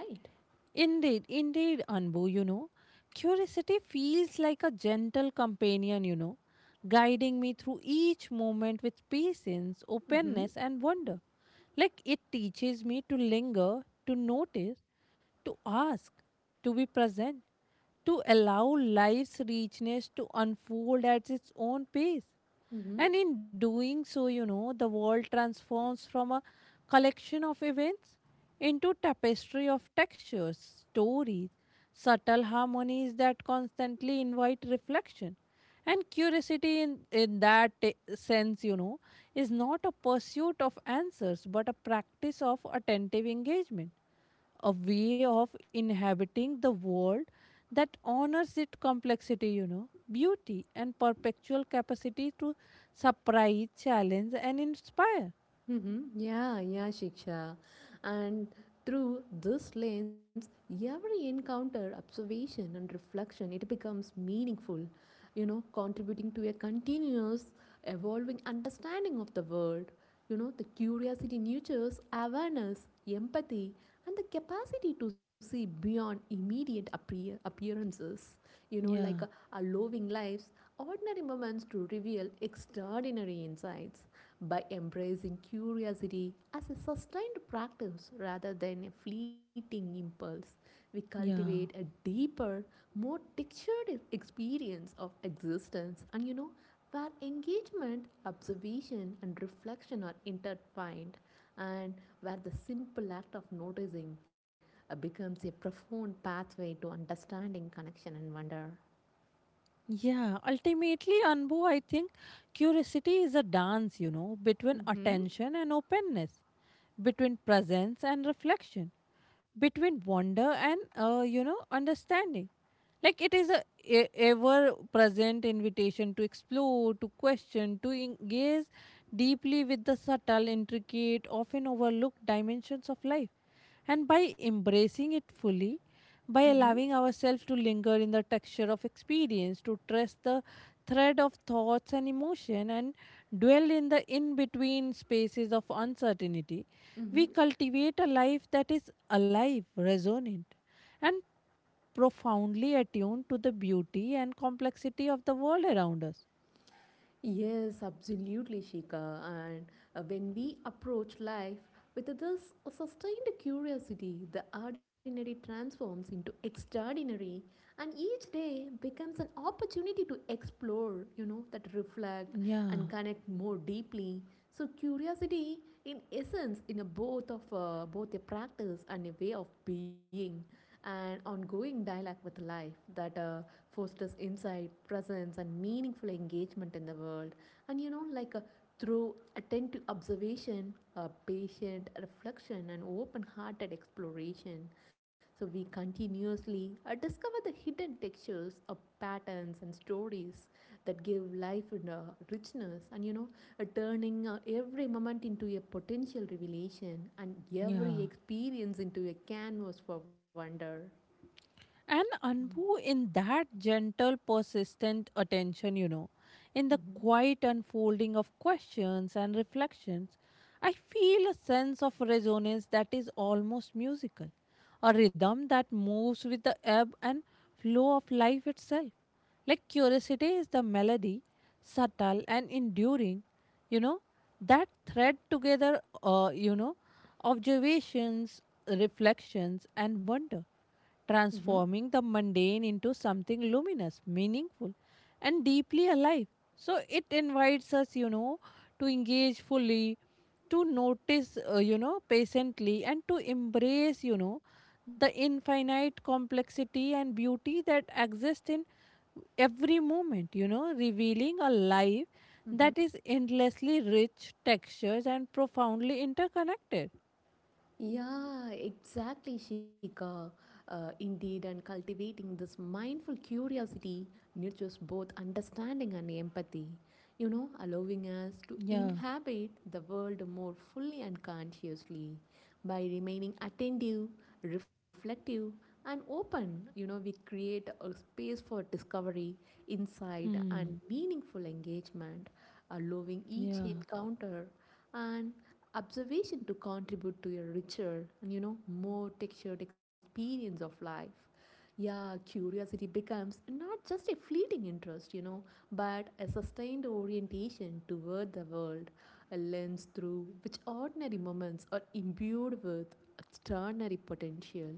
Speaker 1: Indeed, indeed, Anbu, you know, curiosity feels like a gentle companion, you know, guiding me through each moment with patience,
Speaker 2: Mm-hmm.
Speaker 1: openness, and wonder. Like it teaches me to linger, to notice, to ask, to be present, to allow life's richness to unfold at its own pace.
Speaker 2: Mm-hmm.
Speaker 1: And in doing so, you know, the world transforms from a collection of events into tapestry of textures, stories, subtle harmonies that constantly invite reflection. And curiosity in that sense, you know, is not a pursuit of answers, but a practice of attentive engagement, a way of inhabiting the world that honors its complexity, you know, beauty, and perpetual capacity to surprise, challenge, and inspire.
Speaker 2: Mm-hmm. Yeah, yeah, Shiksha. And through this lens, every encounter, observation, and reflection, it becomes meaningful, contributing to a continuous, evolving understanding of the world. The curiosity nurtures awareness, empathy, and the capacity to see beyond immediate appearances. You know, like uh,
Speaker 1: Yeah,
Speaker 2: allowing lives, ordinary moments to reveal extraordinary insights. By embracing curiosity as a sustained practice rather than a fleeting impulse, we cultivate
Speaker 1: yeah,
Speaker 2: a deeper, more textured experience of existence. And where engagement, observation, and reflection are intertwined, and where the simple act of noticing becomes a profound pathway to understanding, connection, and wonder.
Speaker 1: yeah. Ultimately, Anbu, I think curiosity is a dance, you know, between
Speaker 2: Mm-hmm.
Speaker 1: attention and openness, between presence and reflection, between wonder and, understanding. Like it is a ever present invitation to explore, to question, to engage deeply with the subtle, intricate, often overlooked dimensions of life. And by embracing it fully, by
Speaker 2: Mm-hmm.
Speaker 1: allowing ourselves to linger in the texture of experience, to trace the thread of thoughts and emotion, and dwell in the in between spaces of uncertainty,
Speaker 2: Mm-hmm.
Speaker 1: we cultivate a life that is alive, resonant, and profoundly attuned to the beauty and complexity of the world around us.
Speaker 2: Yes, absolutely, Shika. And when we approach life with this sustained curiosity, the ordinary transforms into extraordinary, and each day becomes an opportunity to explore, that reflect
Speaker 1: Yeah,
Speaker 2: and connect more deeply. So, curiosity, in essence, in a both a practice and a way of being. An ongoing dialogue with life that fosters insight, presence, and meaningful engagement in the world. And through attentive observation, patient reflection, and open hearted exploration. So we continuously discover the hidden textures of patterns and stories that give life in a richness, and turning every moment into a potential revelation and every
Speaker 1: yeah.
Speaker 2: experience into a canvas for wonder.
Speaker 1: And Anbu, in that gentle, persistent attention, you know, in the
Speaker 2: Mm-hmm.
Speaker 1: quiet unfolding of questions and reflections, I feel a sense of resonance that is almost musical, a rhythm that moves with the ebb and flow of life itself. Like curiosity is the melody, subtle and enduring, you know, that thread together, observations, reflections, and wonder
Speaker 2: Mm-hmm.
Speaker 1: transforming the mundane into something luminous, meaningful, and deeply alive. So it invites us, you know, to engage fully, to notice, patiently, and to embrace, you know, the infinite complexity and beauty that exist in every moment, you know, revealing a life
Speaker 2: Mm-hmm.
Speaker 1: that is endlessly rich, textures, and profoundly interconnected.
Speaker 2: Yeah, exactly, Shika. Indeed, and cultivating this mindful curiosity nurtures both understanding and empathy, allowing us to
Speaker 1: Yeah.
Speaker 2: inhabit the world more fully and consciously. By remaining attentive, reflective, and open, we create a space for discovery, insight,
Speaker 1: Hmm.
Speaker 2: and meaningful engagement, allowing each
Speaker 1: Yeah.
Speaker 2: encounter and observation to contribute to a richer and more textured experience of life. Yeah, curiosity becomes not just a fleeting interest, but a sustained orientation toward the world, a lens through which ordinary moments are imbued with extraordinary potential,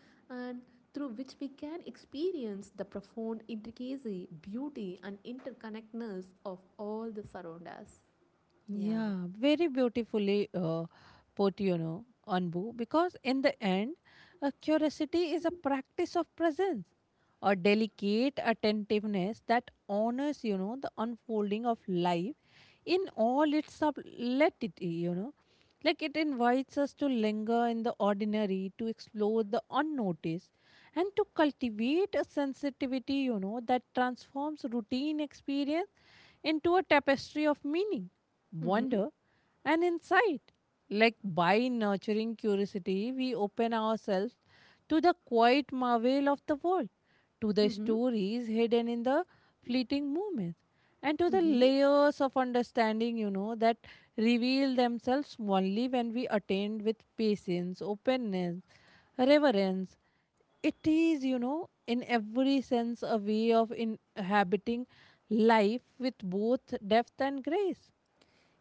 Speaker 2: and through which we can experience the profound intricacy, beauty, and interconnectedness of all the surround us. Yeah.
Speaker 1: Yeah, very beautifully put, you know, Anbu, because in the end, curiosity is a practice of presence, a delicate attentiveness that honors, you know, the unfolding of life in all its subtlety, you know. Like it invites us to linger in the ordinary, to explore the unnoticed, and to cultivate a sensitivity, you know, that transforms routine experience into a tapestry of meaning
Speaker 2: Mm-hmm.
Speaker 1: wonder, and insight. Like by nurturing curiosity, we open ourselves to the quiet marvel of the world, to the
Speaker 2: Mm-hmm.
Speaker 1: stories hidden in the fleeting moments, and to the
Speaker 2: Mm-hmm.
Speaker 1: layers of understanding, you know, that reveal themselves only when we attend with patience, openness, reverence. It is, you know, in every sense a way of inhabiting life with both depth and grace.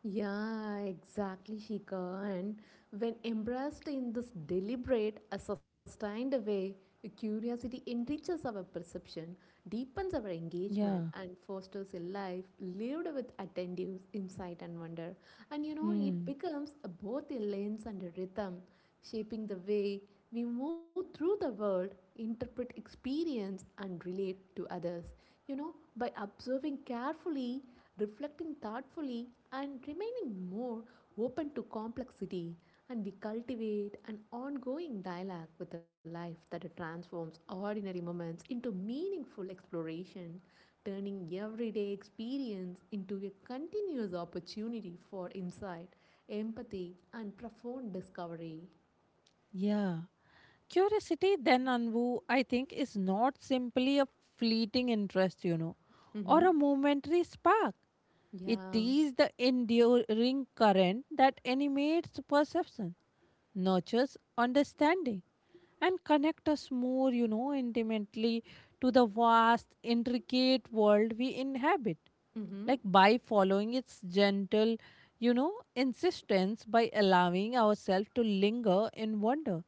Speaker 2: Yeah, exactly, Shika. And when embraced in this deliberate, a sustained way, curiosity enriches our perception, deepens our
Speaker 1: Yeah.
Speaker 2: engagement, and fosters a life lived with attentive insight and wonder. And it
Speaker 1: Hmm.
Speaker 2: becomes both a lens and a rhythm, shaping the way we move through the world, interpret experience, and relate to others. By observing carefully, reflecting thoughtfully, and remaining more open to complexity, and we cultivate an ongoing dialogue with the life that transforms ordinary moments into meaningful exploration, turning everyday experience into a continuous opportunity for insight, empathy, and profound discovery.
Speaker 1: Yeah. Curiosity, then, Anbu, I think, is not simply a fleeting interest, you know, or a
Speaker 2: Mhm.
Speaker 1: momentary spark. It
Speaker 2: Yeah.
Speaker 1: is the enduring current that animates perception, nurtures understanding, and connects us more, you know, intimately to the vast, intricate world we inhabit.
Speaker 2: Mhm.
Speaker 1: Like by following its gentle, you know, insistence, by allowing ourselves to linger in wonder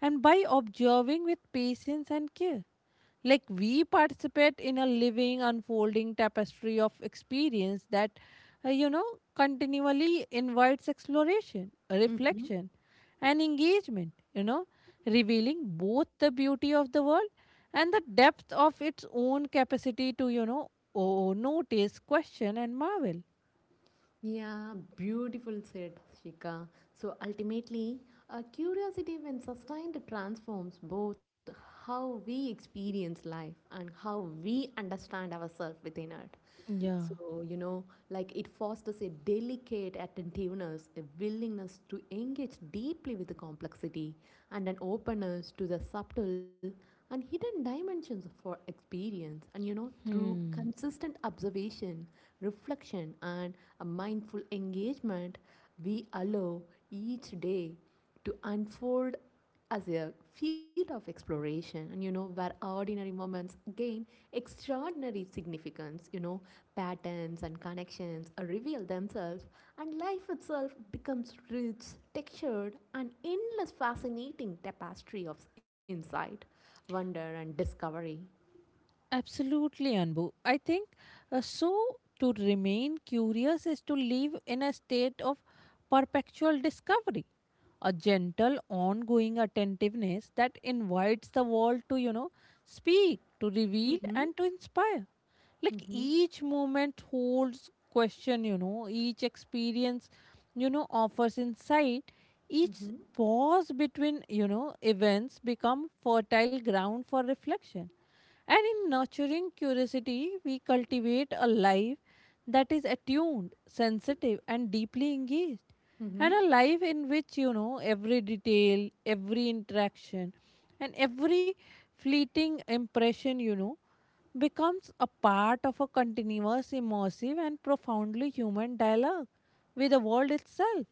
Speaker 1: and by observing with patience and care. Like we participate in a living, unfolding tapestry of experience that, uh, you know, continually invites exploration,
Speaker 2: Mhm.
Speaker 1: reflection, and engagement, you know, revealing both the beauty of the world and the depth of its own capacity to, you know, oh, notice, question, and marvel.
Speaker 2: Yeah, beautiful said, Shika. So ultimately, a curiosity when sustained transforms both how we experience life and how we understand ourselves within it.
Speaker 1: Yeah.
Speaker 2: So, it fosters a delicate attentiveness, a willingness to engage deeply with the complexity, and an openness to the subtle and hidden dimensions for experience. And, through
Speaker 1: Hmm.
Speaker 2: consistent observation, reflection, and a mindful engagement, we allow each day to unfold as a field of exploration, and where ordinary moments gain extraordinary significance. Patterns and connections reveal themselves, and life itself becomes rich, textured, and endless fascinating tapestry of insight, wonder, and discovery.
Speaker 1: Absolutely, Anbu. I think uh, so. To remain curious is to live in a state of perpetual discovery, a gentle, ongoing attentiveness that invites the world to, you know, speak, to reveal,
Speaker 2: Mm-hmm.
Speaker 1: and to inspire like
Speaker 2: Mm-hmm.
Speaker 1: each moment holds question, you know, each experience, you know, offers insight each
Speaker 2: Mm-hmm.
Speaker 1: pause between, you know, events become fertile ground for reflection and in nurturing curiosity we cultivate a life that is attuned sensitive and deeply engaged and
Speaker 2: Mm-hmm.
Speaker 1: a life in which, you know, every detail every interaction and every fleeting impression, you know, becomes a part of a continuous, immersive, and profoundly human dialogue with the world itself.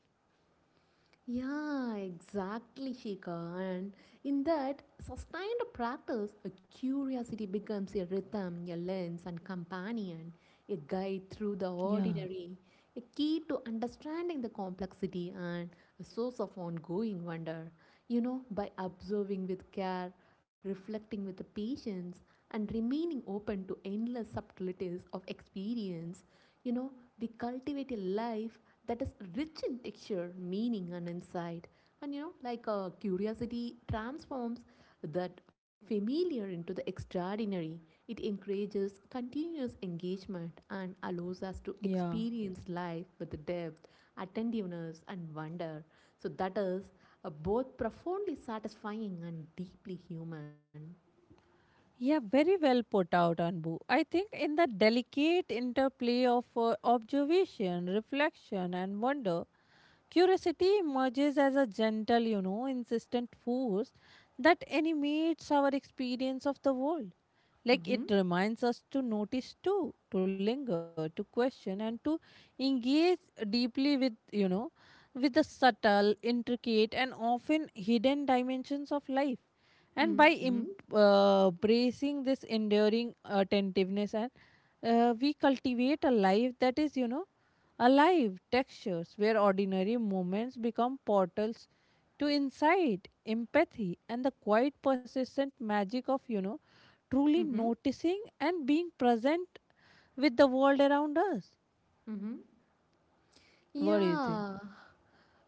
Speaker 2: Yeah, exactly, Shika. And in that sustained practice, a curiosity becomes a rhythm, a lens, and companion, a guide through the
Speaker 1: Yeah,
Speaker 2: ordinary, a key to understanding the complexity, and a source of ongoing wonder. You know, by observing with care, reflecting with patience, and remaining open to endless subtleties of experience, you know, we cultivate a life that is rich in texture, meaning, and insight. And you know, curiosity transforms that familiar into the extraordinary. It encourages continuous engagement and allows us to
Speaker 1: yeah.
Speaker 2: experience life with depth, attentiveness, and wonder. So, that is are both profoundly satisfying and deeply human.
Speaker 1: Yeah, very well put out, Anbu. I think in the delicate interplay of observation, reflection, and wonder, curiosity emerges as a gentle, you know, insistent force that animates our experience of the world. Like
Speaker 2: Mm-hmm.
Speaker 1: it reminds us to notice too, to linger, to question, and to engage deeply with, you know, with the subtle, intricate, and often hidden dimensions of life. And by
Speaker 2: Mm-hmm.
Speaker 1: embracing this enduring attentiveness, and we cultivate a life that is, you know, alive textures where ordinary moments become portals to insight, empathy, and the quiet, persistent magic of, you know, truly
Speaker 2: Mm-hmm.
Speaker 1: noticing and being present with the world around us.
Speaker 2: Mm-hmm.
Speaker 1: What do you think?
Speaker 2: Yeah,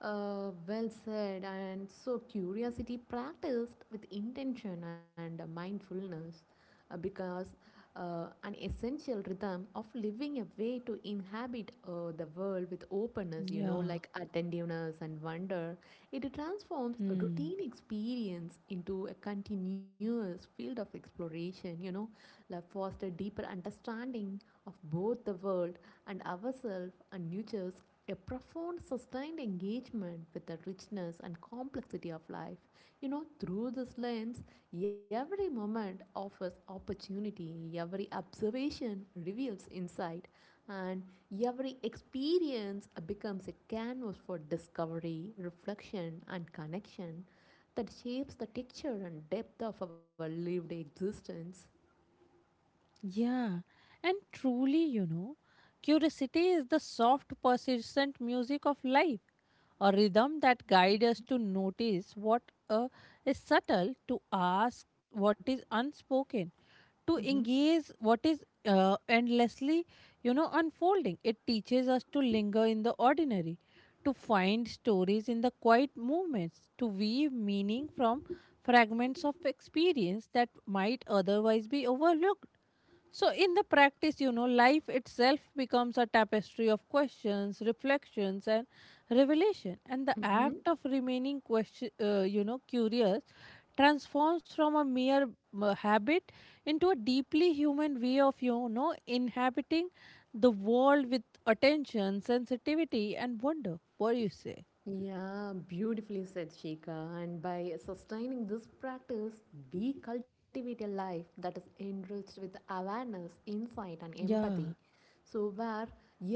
Speaker 2: Well said. And so, curiosity practiced with intention and mindfulness because an essential rhythm of living, a way to inhabit the world with openness, you know,
Speaker 1: Yeah.
Speaker 2: like attentiveness and wonder, it transforms a
Speaker 1: Hmm.
Speaker 2: routine experience into a continuous field of exploration, you know, like foster deeper understanding of both the world and ourselves and nurtures a profound, sustained engagement with the richness and complexity of life. You know, through this lens, every moment offers opportunity, every observation reveals insight, and every experience becomes a canvas for discovery, reflection, and connection that shapes the texture and depth of our lived existence.
Speaker 1: Yeah, and truly, you know, curiosity is the soft, persistent music of life, a rhythm that guides us to notice what uh, is subtle, to ask what is unspoken, to
Speaker 2: Mm-hmm.
Speaker 1: engage what is endlessly, you know, unfolding. It teaches us to linger in the ordinary, to find stories in the quiet movements, to weave meaning from fragments of experience that might otherwise be overlooked so, in the practice, you know, life itself becomes a tapestry of questions, reflections, and revelation. And the
Speaker 2: Mm-hmm.
Speaker 1: act of remaining, question, you know, curious transforms from a mere habit into a deeply human way of, you know, inhabiting the world with attention, sensitivity, and wonder. What do you say?
Speaker 2: Yeah, beautifully said, Shika. And by sustaining this practice, we cultivate a life that is enriched with awareness, insight, and
Speaker 1: Yeah,
Speaker 2: empathy. So, where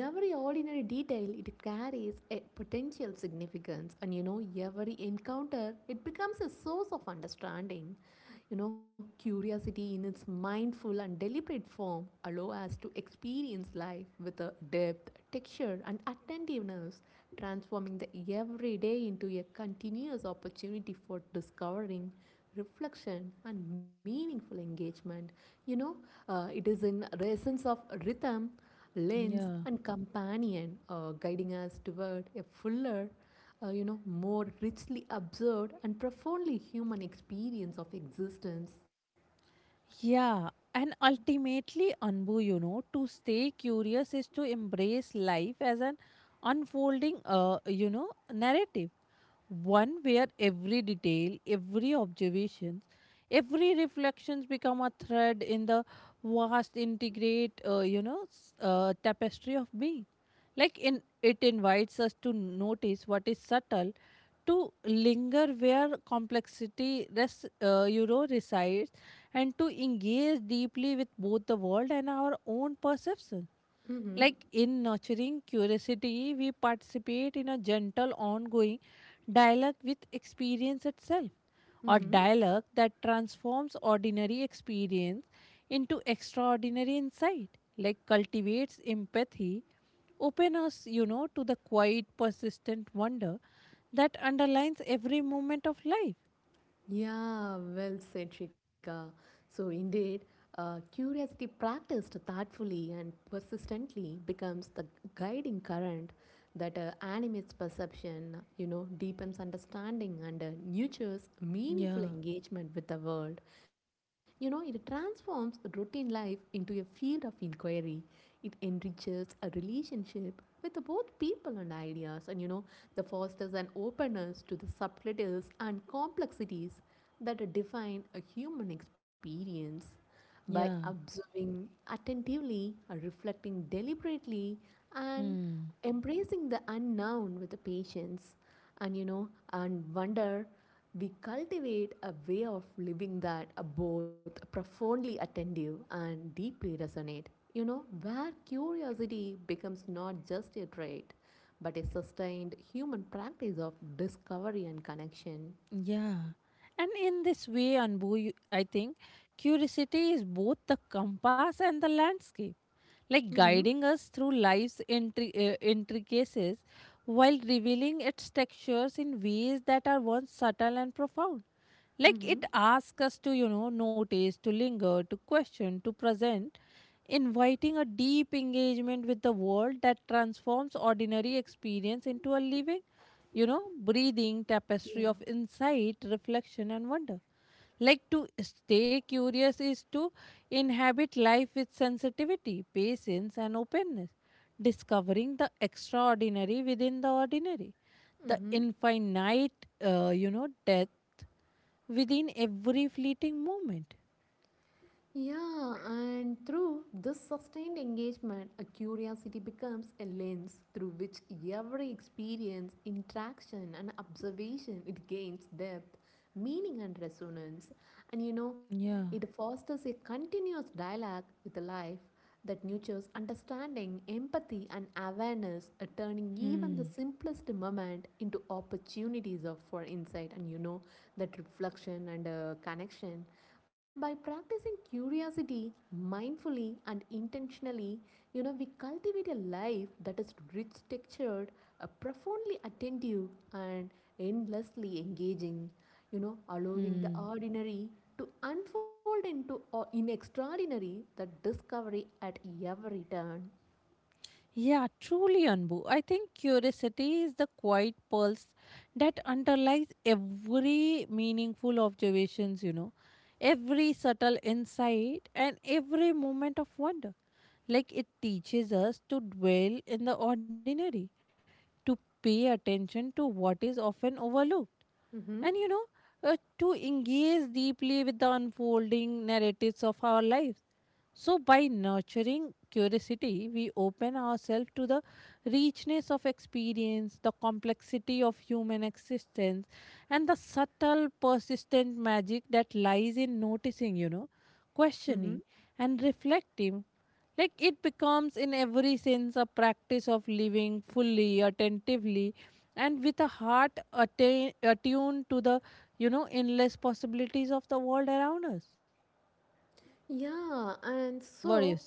Speaker 2: every ordinary detail it carries a potential significance, and you know, every encounter it becomes a source of understanding. You know, curiosity in its mindful and deliberate form allow us to experience life with a depth, texture, and attentiveness transforming the everyday into a continuous opportunity for discovering reflection and meaningful engagement, you know, it is in the essence of rhythm, lens,
Speaker 1: yeah.
Speaker 2: and companion, guiding us toward a fuller, you know, more richly observed and profoundly human experience of existence.
Speaker 1: Yeah, and ultimately, Anbu, you know, to stay curious is to embrace life as an unfolding, you know, narrative. One where every detail, every observations, every reflections become a thread in the vast, integrate, you know, tapestry of being. Like in, it invites us to notice what is subtle to linger where complexity you know, resides and to engage deeply with both the world and our own perceptions.
Speaker 2: Mm-hmm.
Speaker 1: Like in nurturing curiosity, we participate in a gentle, ongoing dialogue with experience itself, or
Speaker 2: Mm-hmm.
Speaker 1: dialogue that transforms ordinary experience into extraordinary insight, like cultivates empathy, open us, you know, to the quiet, persistent wonder that underlines every moment of life.
Speaker 2: Yeah, well said, Shika. So, indeed, curiosity practiced thoughtfully and persistently becomes the guiding current that animates perception, you know, deepens understanding, and nurtures
Speaker 1: Yeah,
Speaker 2: meaningful engagement with the world. You know, it transforms routine life into a field of inquiry. It enriches a relationship with both people and ideas, and you know, the fosters an openness to the subtleties and complexities that define a human experience by
Speaker 1: yeah.
Speaker 2: observing attentively, reflecting deliberately, and
Speaker 1: Hmm.
Speaker 2: embracing the unknown with the patience, and you know and wonder, we cultivate a way of living that are both profoundly attentive and deeply resonate, you know, where curiosity becomes not just a trait but a sustained human practice of discovery and connection.
Speaker 1: Yeah. And in this way, Anbu, I think curiosity is both the compass and the landscape, like
Speaker 2: Mm-hmm.
Speaker 1: guiding us through life's intricacies while revealing its textures in ways that are once subtle and profound. Like
Speaker 2: Mm-hmm.
Speaker 1: it asks us to, you know, notice, to linger, to question, to present, inviting a deep engagement with the world that transforms ordinary experience into a living, you know, breathing tapestry of
Speaker 2: Yeah.
Speaker 1: insight, reflection, and wonder. Like to stay curious is to inhabit life with sensitivity, patience, and openness, discovering the extraordinary within the ordinary, the
Speaker 2: Mm-hmm.
Speaker 1: infinite, you know, depth within every fleeting moment.
Speaker 2: Yeah, and through this sustained engagement, a curiosity becomes a lens through which every experience, interaction, and observation it gains depth, meaning, and resonance. And you know,
Speaker 1: Yeah.
Speaker 2: it fosters a continuous dialogue with life that nurtures understanding, empathy, and awareness, turning even the
Speaker 1: Hmm.
Speaker 2: simplest moment into opportunities of for insight. And you know that reflection and connection. By practicing curiosity mindfully and intentionally, you know, we cultivate a life that is rich textured, profoundly attentive, and endlessly engaging, you know, allowing the
Speaker 1: Hmm.
Speaker 2: ordinary to unfold into or in extraordinary the discovery at every turn.
Speaker 1: Yeah, truly, Anbu. I think curiosity is the quiet pulse that underlies every meaningful observations, you know, every subtle insight and every moment of wonder. Like it teaches us to dwell in the ordinary, to pay attention to what is often overlooked, and, you know,
Speaker 2: Mm-hmm.
Speaker 1: uh, to engage deeply with the unfolding narratives of our lives so, by nurturing curiosity, we open ourselves to the richness of experience, the complexity of human existence, and the subtle, persistent magic that lies in noticing, you know,
Speaker 2: Mm-hmm.
Speaker 1: questioning, and reflecting. Like it becomes, in every sense, a practice of living fully, attentively, and with a heart attuned to the, you know, endless possibilities of the world around us. What
Speaker 2: Yeah,
Speaker 1: do you say?
Speaker 2: and so.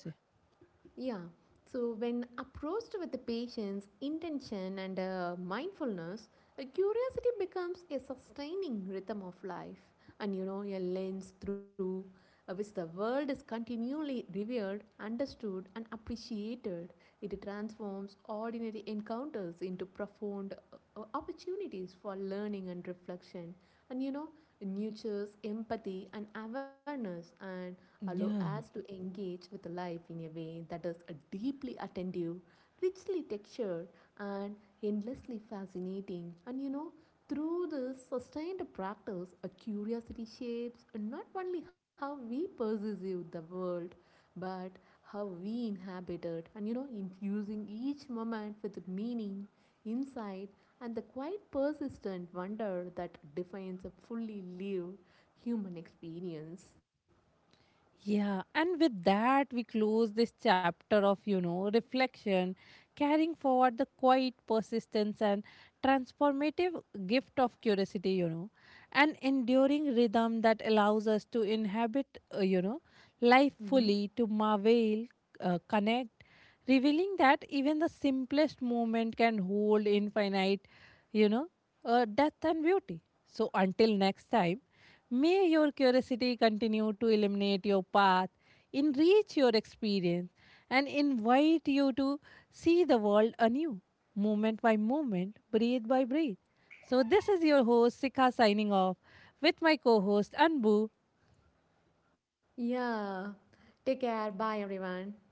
Speaker 2: Yeah. So, when approached with the patience, intention, and mindfulness, curiosity becomes a sustaining rhythm of life, and you know, a lens through which the world is continually revered, understood, and appreciated. It transforms ordinary encounters into profound opportunities for learning and reflection, and you know, nurtures empathy and awareness, and allow us
Speaker 1: Yeah.
Speaker 2: to engage with life in a way that is deeply attentive, richly textured, and endlessly fascinating. And you know, through this sustained practice, a curiosity shapes not only how we perceive the world but how we inhabit it, and you know, infusing each moment with meaning, insight, and the quite persistent wonder that defines a fully lived human experience.
Speaker 1: Yeah, and with that, we close this chapter of, you know, reflection, carrying forward the quiet persistence and transformative gift of curiosity, you know, an enduring rhythm that allows us to inhabit, you know, life
Speaker 2: Mhm.
Speaker 1: fully, to marvel, connect, revealing that even the simplest moment can hold infinite, you know, depth and beauty. So, until next time may your curiosity continue to illuminate your path, enrich your experience, and invite you to see the world anew, moment by moment, breath by breath. So, this is your host, Sikha, signing off with my co host, Anbu.
Speaker 2: Yeah, take care, bye everyone.